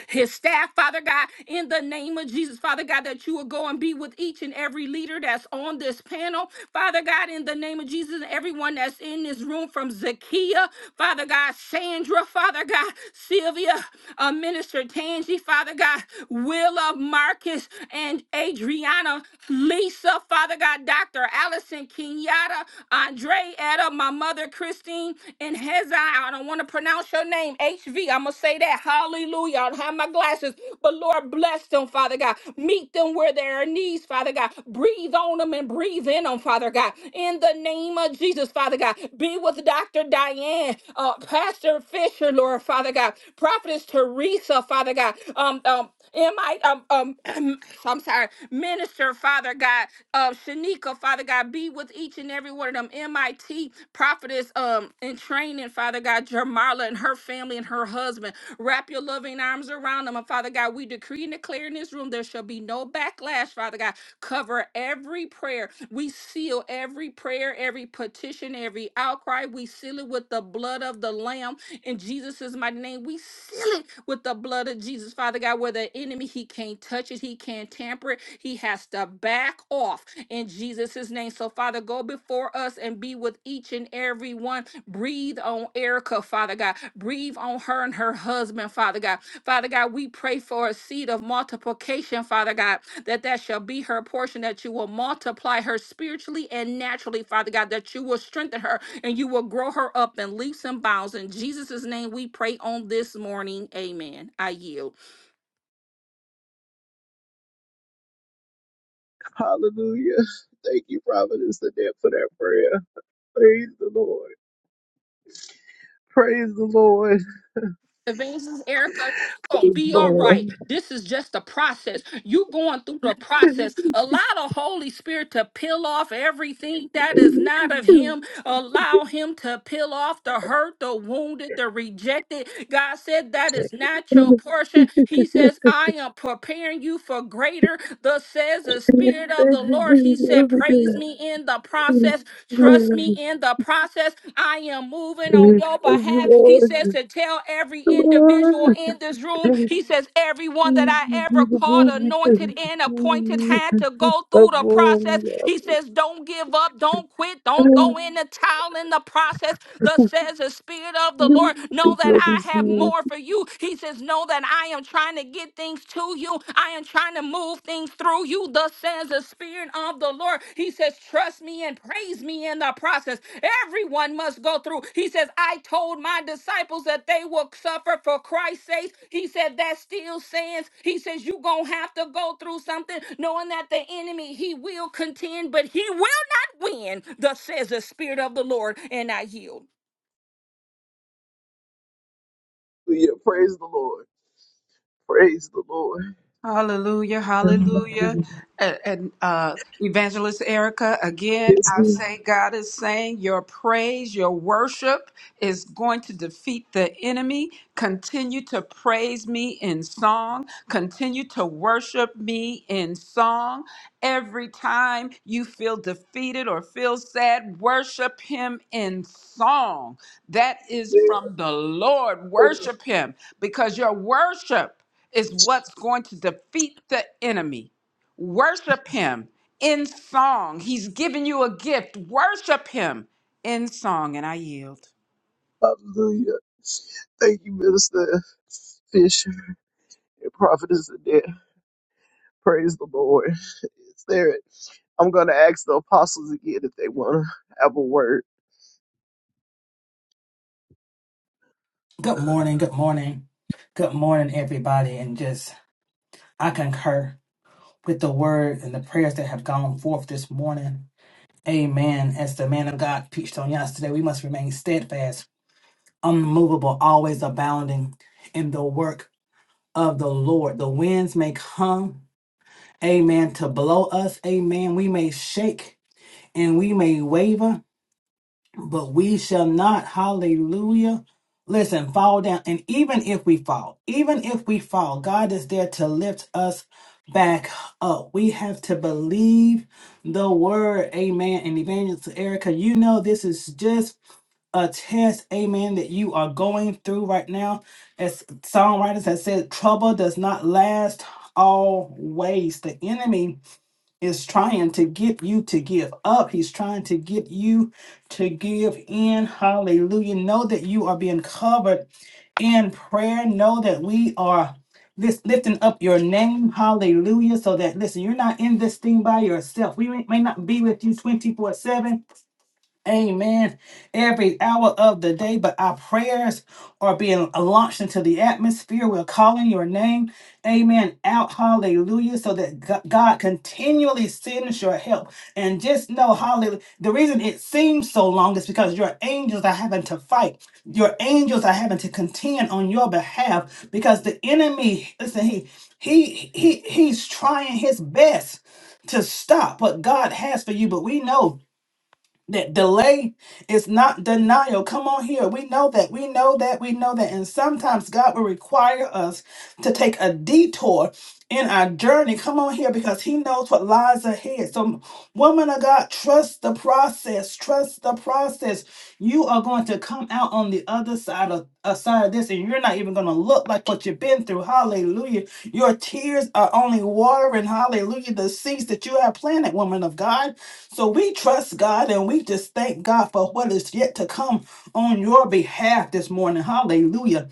his staff, Father God, in the name of Jesus, Father God, that you will go and be with each and every leader that's on this panel, Father God, in the name of Jesus, and everyone that's in this room from Zakia, Father God, Sandra, Father God, Sylvia, uh, Minister Tangi, Father God, Willa, Marcus, and Adriana, Lisa, Father God, Dr. Allison, Kenyatta, Andre, Etta, my mother, Chris. Christine and Hezai. I don't want to pronounce your name, H am going to say that. Hallelujah. I don't have my glasses, but Lord, bless them, Father God. Meet them where there are needs, Father God. Breathe on them and breathe in them, Father God. In the name of Jesus, Father God. Be with Dr. Diane, uh, Pastor Fisher, Lord, Father God. Prophetess Teresa, Father God. Um, um, Am I um um I'm sorry, minister, Father God, uh Shanika, Father God, be with each and every one of them. MIT prophetess um in training, Father God, Jamarla and her family and her husband. Wrap your loving arms around them. And Father God, we decree and declare in this room there shall be no backlash, Father God. Cover every prayer. We seal every prayer, every petition, every outcry. We seal it with the blood of the Lamb in Jesus' mighty name. We seal it with the blood of Jesus, Father God, where the enemy, he can't touch it, he can't tamper it, he has to back off in Jesus' name. So, Father, go before us and be with each and every one. Breathe on Erica, Father God. Breathe on her and her husband, Father God. Father God, we pray for a seed of multiplication, Father God, that that shall be her portion, that you will multiply her spiritually and naturally, Father God, that you will strengthen her, and you will grow her up in leaps and bounds. In Jesus' name, we pray on this morning. Amen. I yield.
Hallelujah. Thank you, Providence, the dead for that prayer. Praise the Lord. Praise the Lord.
Evangelist Erica, you gonna
Praise
be all right.
the
This is just a process. You going through the process. Allow the Holy Spirit to peel off everything that is not of Him. Allow Him to peel off the hurt, the wounded, the rejected. God said that is not your
Lord.
portion. He says, I am preparing you for greater. Thus says the Spirit of the Lord. He said, Praise me in the process. Trust me in the process. I am moving on your behalf. He says to tell every individual in this room, he says, everyone that I ever called, anointed, and appointed had to go through the process. He says, don't give up, don't quit, don't throw in the towel in the process. Thus says the Spirit of the Lord, know that I have
Hallelujah.
more for you. He says, know that I am trying to to get things to you. I am trying to move things through you. Thus says the Spirit of the Lord. He says, Trust me and praise me in the process. Everyone must go through. He says, I told my disciples that they will suffer for Christ's sake. He said, That still stands. He says, You're going to have to go through something, knowing that the enemy, he will contend, but he will not win. Thus says the Spirit of the Lord, and I yield.
Praise the Lord. Praise the Lord.
Hallelujah, hallelujah. And, and uh, Evangelist Erica, again,
Yes,
I
we
say God is saying your praise, your worship is going to defeat the enemy. Continue to praise me in song. Continue to worship me in song. Every time you feel defeated or feel sad, worship him in song. That is from the Lord. Worship him because your worship is what's going to defeat the enemy. Worship him in song. He's given you a gift. Worship him in song. And I yield.
Hallelujah. Thank you, Minister Fisher and Prophetess Annette. Praise the Lord. Is there? I'm gonna ask the apostles again if they wanna have a word.
Good morning, good morning, good morning, everybody. And just, I concur with the word and the prayers that have gone forth this morning. Amen. As the man of God preached on yesterday, we must remain steadfast, unmovable, always abounding in the work of the Lord. The winds may come, amen, to blow us, amen. We may shake and we may waver, but we shall not, hallelujah, listen, fall down. And even if we fall, even if we fall, God is there to lift us back up. We have to believe the word, amen. And Evangelist Erica, you know, this is just a test, amen, that you are going through right now. As songwriters have said, trouble does not last always. The enemy is trying to get you to give up. He's trying to get you to give in. Hallelujah. Know that you are being covered in prayer. Know that we are lis- lifting up your name. Hallelujah. So that, listen, you're not in this thing by yourself. We may may not be with you 24 7. Amen. Every hour of the day, but our prayers are being launched into the atmosphere. We're calling your name. Amen. Out. Hallelujah. So that Go- God continually sends your help. And just know, hallelujah. The reason it seems so long is because your angels are having to fight. Your angels are having to contend on your behalf because the enemy, listen, he he he he's trying his best to stop what God has for you. But we know. That delay is not denial. Come on here. We know that. We know that. We know that. And sometimes God will require us to take a detour in our journey. Come on here because he knows what lies ahead. So, woman of God, trust the process. Trust the process. You are going to come out on the other side of uh, side of this, and you're not even going to look like what you've been through. Hallelujah. Your tears are only watering, hallelujah, the seeds that you have planted, woman of God. So we trust God and we just thank God for what is yet to come on your behalf this morning. Hallelujah.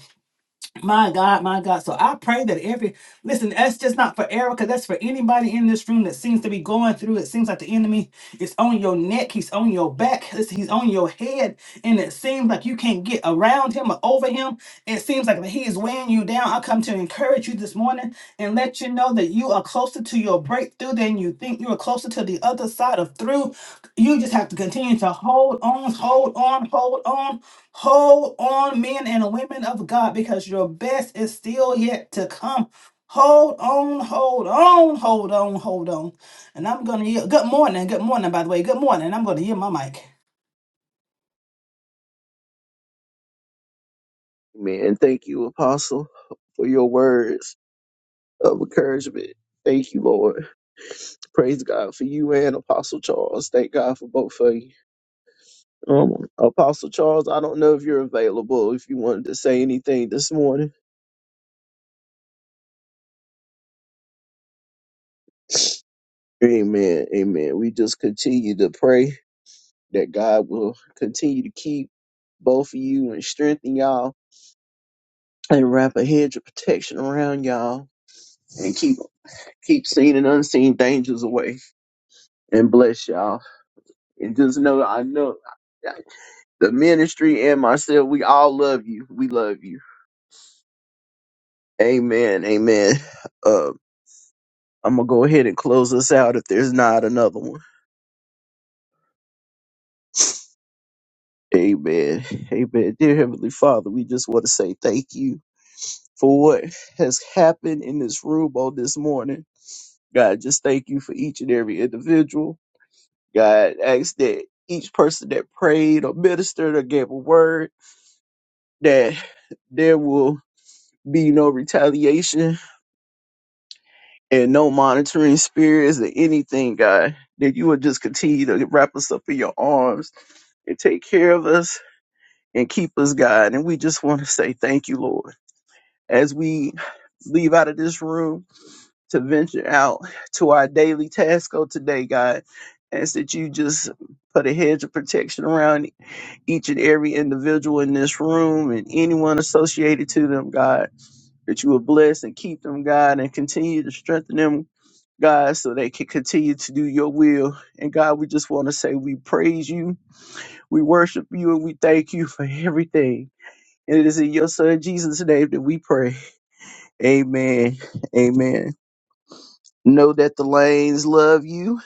My God, my God. So I pray that every listen, that's just not for Erica, that's for anybody in this room that seems to be going through. It seems like the enemy is on your neck, he's on your back, listen, he's on your head, and it seems like you can't get around him or over him. It seems like he is weighing you down come to encourage you this morning and let you know that you are closer to your breakthrough than you think. You are closer to the other side of through. You just have to continue to hold on, hold on, hold on, hold on, men and women of God, because your best is still yet to come. Hold on, hold on, hold on, hold on. And I'm going to, yield. good morning, good morning, by the way, good morning. I'm going to yield my mic.
Man, thank you, apostle, for your words of encouragement. Thank you, Lord. Praise God for you and Apostle Charles. Thank God for both of you. Um, Apostle Charles, I don't know if you're available. If you wanted to say anything this morning, Amen. Amen. We just continue to pray that God will continue to keep both of you and strengthen y'all and wrap a hedge of protection around y'all and keep keep seen and unseen dangers away and bless y'all and just know I know the ministry and myself we all love you we love you amen amen uh I'm gonna go ahead and close us out if there's not another one amen amen dear heavenly father we just want to say thank you for what has happened in this room on this morning God just thank you for each and every individual God asks that each person that prayed or ministered or gave a word that there will be no retaliation and no monitoring spirits or anything, God. That you will just continue to wrap us up in your arms and take care of us and keep us, God. And we just want to say thank you, Lord. As we leave out of this room to venture out to our daily task of today, God, ask that you just put a hedge of protection around each and every individual in this room and anyone associated to them, God, that you will bless and keep them, God, and continue to strengthen them, God, so they can continue to do your will. And God, we just want to say we praise you, we worship you, and we thank you for everything. And it is in your son Jesus' name that we pray. Amen. Amen. Know that the lanes love you.